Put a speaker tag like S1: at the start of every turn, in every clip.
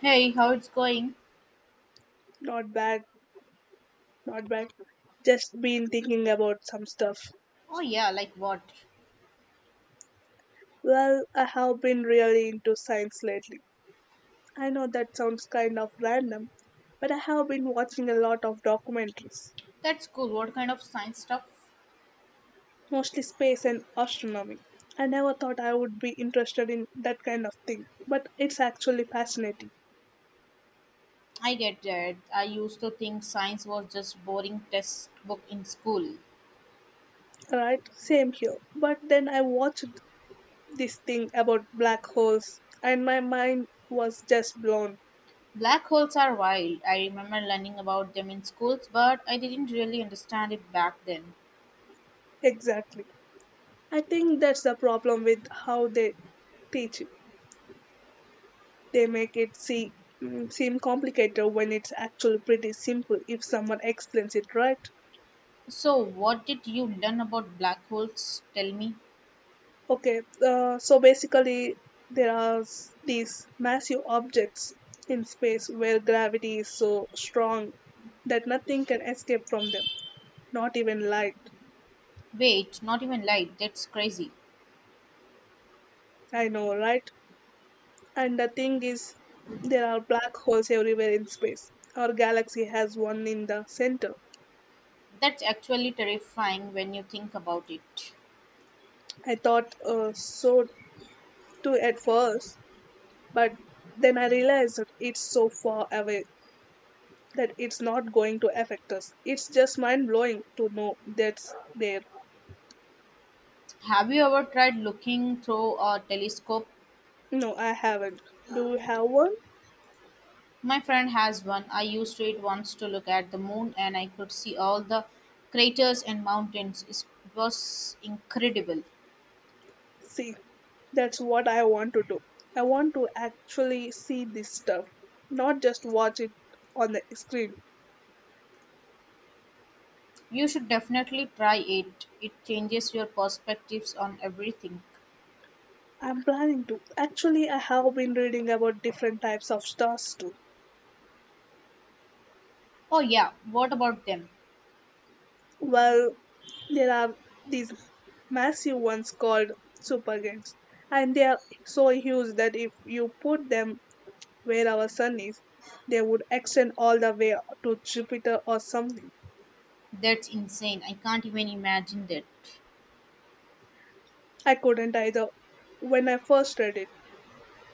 S1: Hey, how it's going?
S2: Not bad, not bad. Just been thinking about some stuff.
S1: Oh yeah, like what?
S2: Well, I have been really into science lately. I know that sounds kind of random, but I have been watching a lot of documentaries,
S1: That's cool. What kind of science stuff?
S2: mostly space and astronomy. I never thought I would be interested in that kind of thing, but it's actually fascinating,
S1: I get that. I used to think science was just boring textbook in school.
S2: right? Same here. But then I watched this thing about black holes, and my mind was just blown.
S1: Black holes are wild. I remember learning about them in schools, but I didn't really understand it back then.
S2: Exactly. I think that's the problem with how they teach. They make it seem complicated when it's actually pretty simple if someone explains it right.
S1: So, what did you learn about black holes? Tell me.
S2: Okay, so basically, there are these massive objects in space where gravity is so strong that nothing can escape from them, not even light.
S1: Wait, not even light. That's crazy.
S2: I know, right? And the thing is, there are black holes everywhere in space. Our galaxy has one in the center.
S1: That's actually terrifying when you think about it.
S2: I thought so too at first, but then I realized that it's so far away that it's not going to affect us. It's just mind blowing to know that's there.
S1: Have you ever tried looking through a telescope?
S2: No, I haven't. Do you have one?
S1: My friend has one. I used it once to look at the moon and I could see all the craters and mountains. It was incredible.
S2: See, that's what I want to do. I want to actually see this stuff, not just watch it on the screen.
S1: You should definitely try it. It changes your perspectives on everything.
S2: I'm planning to. Actually, I have been reading about different types of stars too.
S1: Oh, yeah, what about them?
S2: Well, there are these massive ones called supergiants, and they are so huge that if you put them where our sun is, they would extend all the way to Jupiter or something.
S1: That's insane. I can't even imagine that.
S2: I couldn't either when I first read it,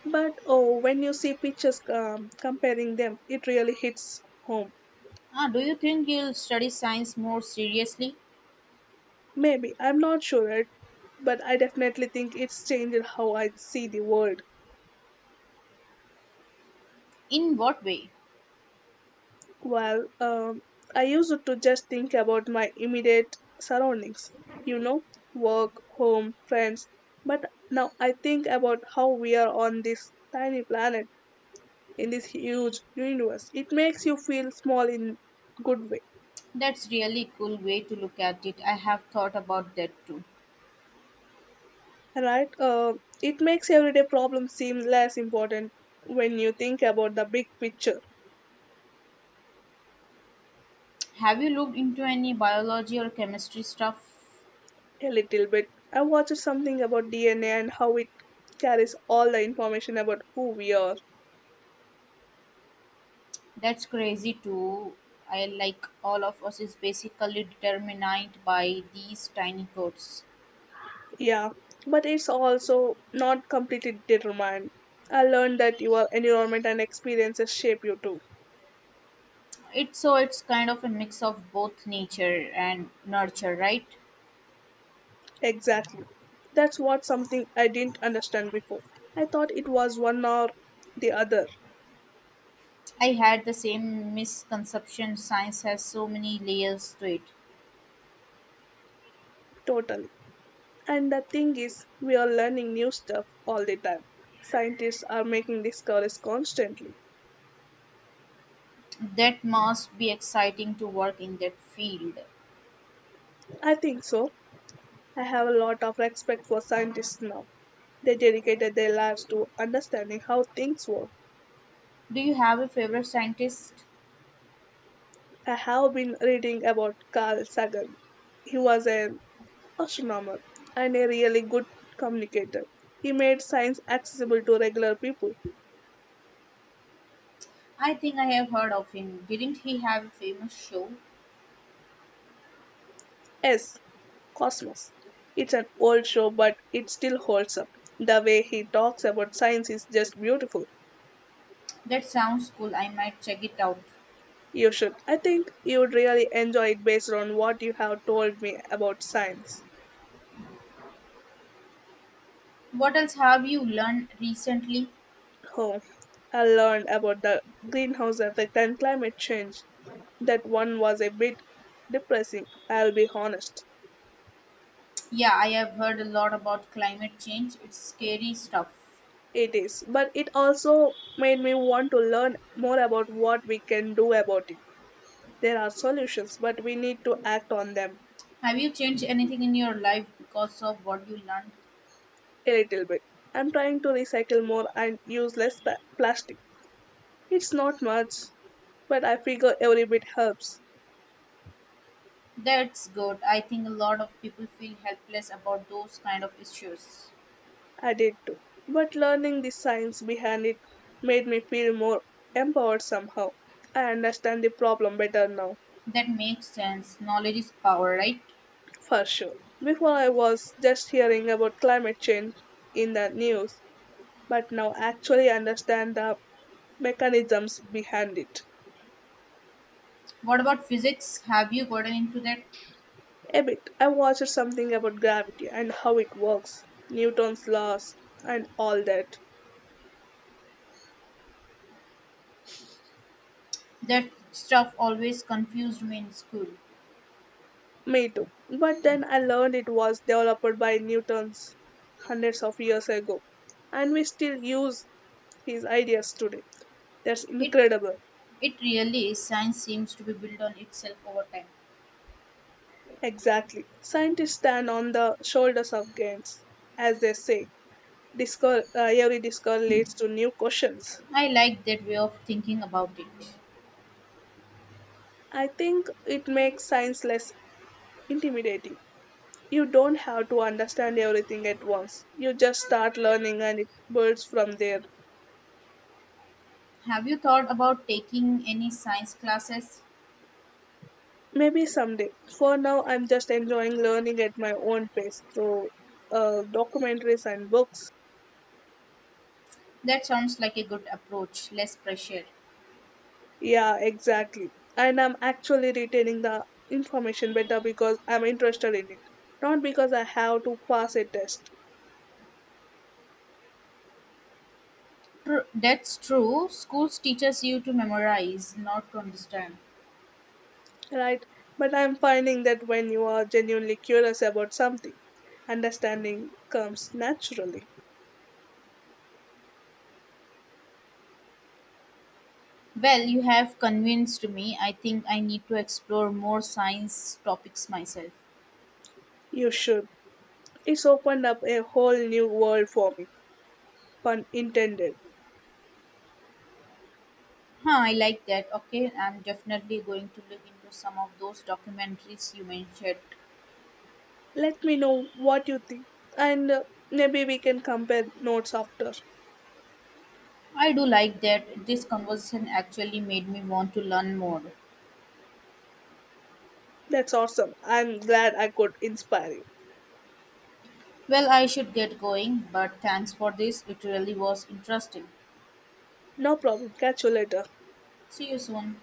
S2: but when you see pictures comparing them, it really hits home.
S1: Ah, do you think you'll study science more seriously?
S2: Maybe, I'm not sure, but I definitely think it's changed how I see the world.
S1: In what way?
S2: Well, I used to just think about my immediate surroundings, you know, work, home, friends. But now I think about how we are on this tiny planet in this huge universe. It makes you feel small in good way,
S1: That's really cool way to look at it. I have thought about that too.
S2: right? It makes everyday problems seem less important when you think about the big picture.
S1: Have you looked into any biology or chemistry stuff?
S2: A little bit. I watched something about DNA and how it carries all the information about who we are.
S1: That's crazy too. I like all of us is basically determined by these tiny codes.
S2: Yeah, but it's also not completely determined. I learned that your environment and experiences shape you too.
S1: It's kind of a mix of both nature and nurture, right?
S2: Exactly. That's what something I didn't understand before. I thought it was one or the other,
S1: I had the same misconception science has so many layers to it.
S2: totally. And the thing is, we are learning new stuff all the time. Scientists are making discoveries constantly.
S1: That must be exciting to work in that field.
S2: I think so. I have a lot of respect for scientists now. They dedicated their lives to understanding how things work.
S1: Do you have a favorite scientist?
S2: I have been reading about Carl Sagan. He was an astronomer and a really good communicator. He made science accessible to regular people.
S1: I think I have heard of him. Didn't he have a famous show?
S2: Yes, Cosmos. It's an old show, but it still holds up. The way he talks about science is just beautiful.
S1: That sounds cool. I might check it out.
S2: You should. I think you would really enjoy it based on what you have told me about science.
S1: What else have you learned recently?
S2: Oh, I learned about the greenhouse effect and climate change. That one was a bit depressing, I'll be honest.
S1: Yeah, I have heard a lot about climate change. It's scary stuff.
S2: It is, but it also made me want to learn more about what we can do about it. There are solutions, but we need to act on them.
S1: Have you changed anything in your life because of what you learned?
S2: A little bit. I'm trying to recycle more and use plastic. It's not much, but I figure every bit helps.
S1: That's good. I think a lot of people feel helpless about those kind of issues.
S2: I did too. But learning the science behind it made me feel more empowered somehow. I understand the problem better now.
S1: That makes sense. Knowledge is power, right?
S2: For sure. Before I was just hearing about climate change in the news, but now actually understand the mechanisms behind it.
S1: What about physics? Have you gotten into that?
S2: A bit. I watched something about gravity and how it works, Newton's laws and all that.
S1: That stuff always confused me in school.
S2: Me too. But then I learned it was developed by Newton's hundreds of years ago, and we still use his ideas today. That's
S1: It
S2: incredible.
S1: it really is. Science seems to be built on itself over time.
S2: Exactly. Scientists stand on the shoulders of giants, as they say. Every discovery leads to new questions.
S1: I like that way of thinking about it.
S2: I think it makes science less intimidating. You don't have to understand everything at once. You just start learning and it builds from there.
S1: Have you thought about taking any science classes?
S2: Maybe someday. For now, I'm just enjoying learning at my own pace through documentaries and books.
S1: That sounds like a good approach, less pressure.
S2: Yeah, exactly. And I'm actually retaining the information better because I'm interested in it, not because I have to pass a test.
S1: That's true. Schools teaches you to memorize, not to understand.
S2: Right? But I'm finding that when you are genuinely curious about something, understanding comes naturally.
S1: Well, you have convinced me. I think I need to explore more science topics myself.
S2: You should. It's opened up a whole new world for me, pun intended.
S1: Huh, I like that. Okay, I'm definitely going to look into some of those documentaries you mentioned.
S2: Let me know what you think, and maybe we can compare notes after.
S1: I do like that. This conversation actually made me want to learn more.
S2: That's awesome. I'm glad I could inspire you.
S1: Well, I should get going, but thanks for this. It really was interesting.
S2: No problem. Catch you later.
S1: See you soon.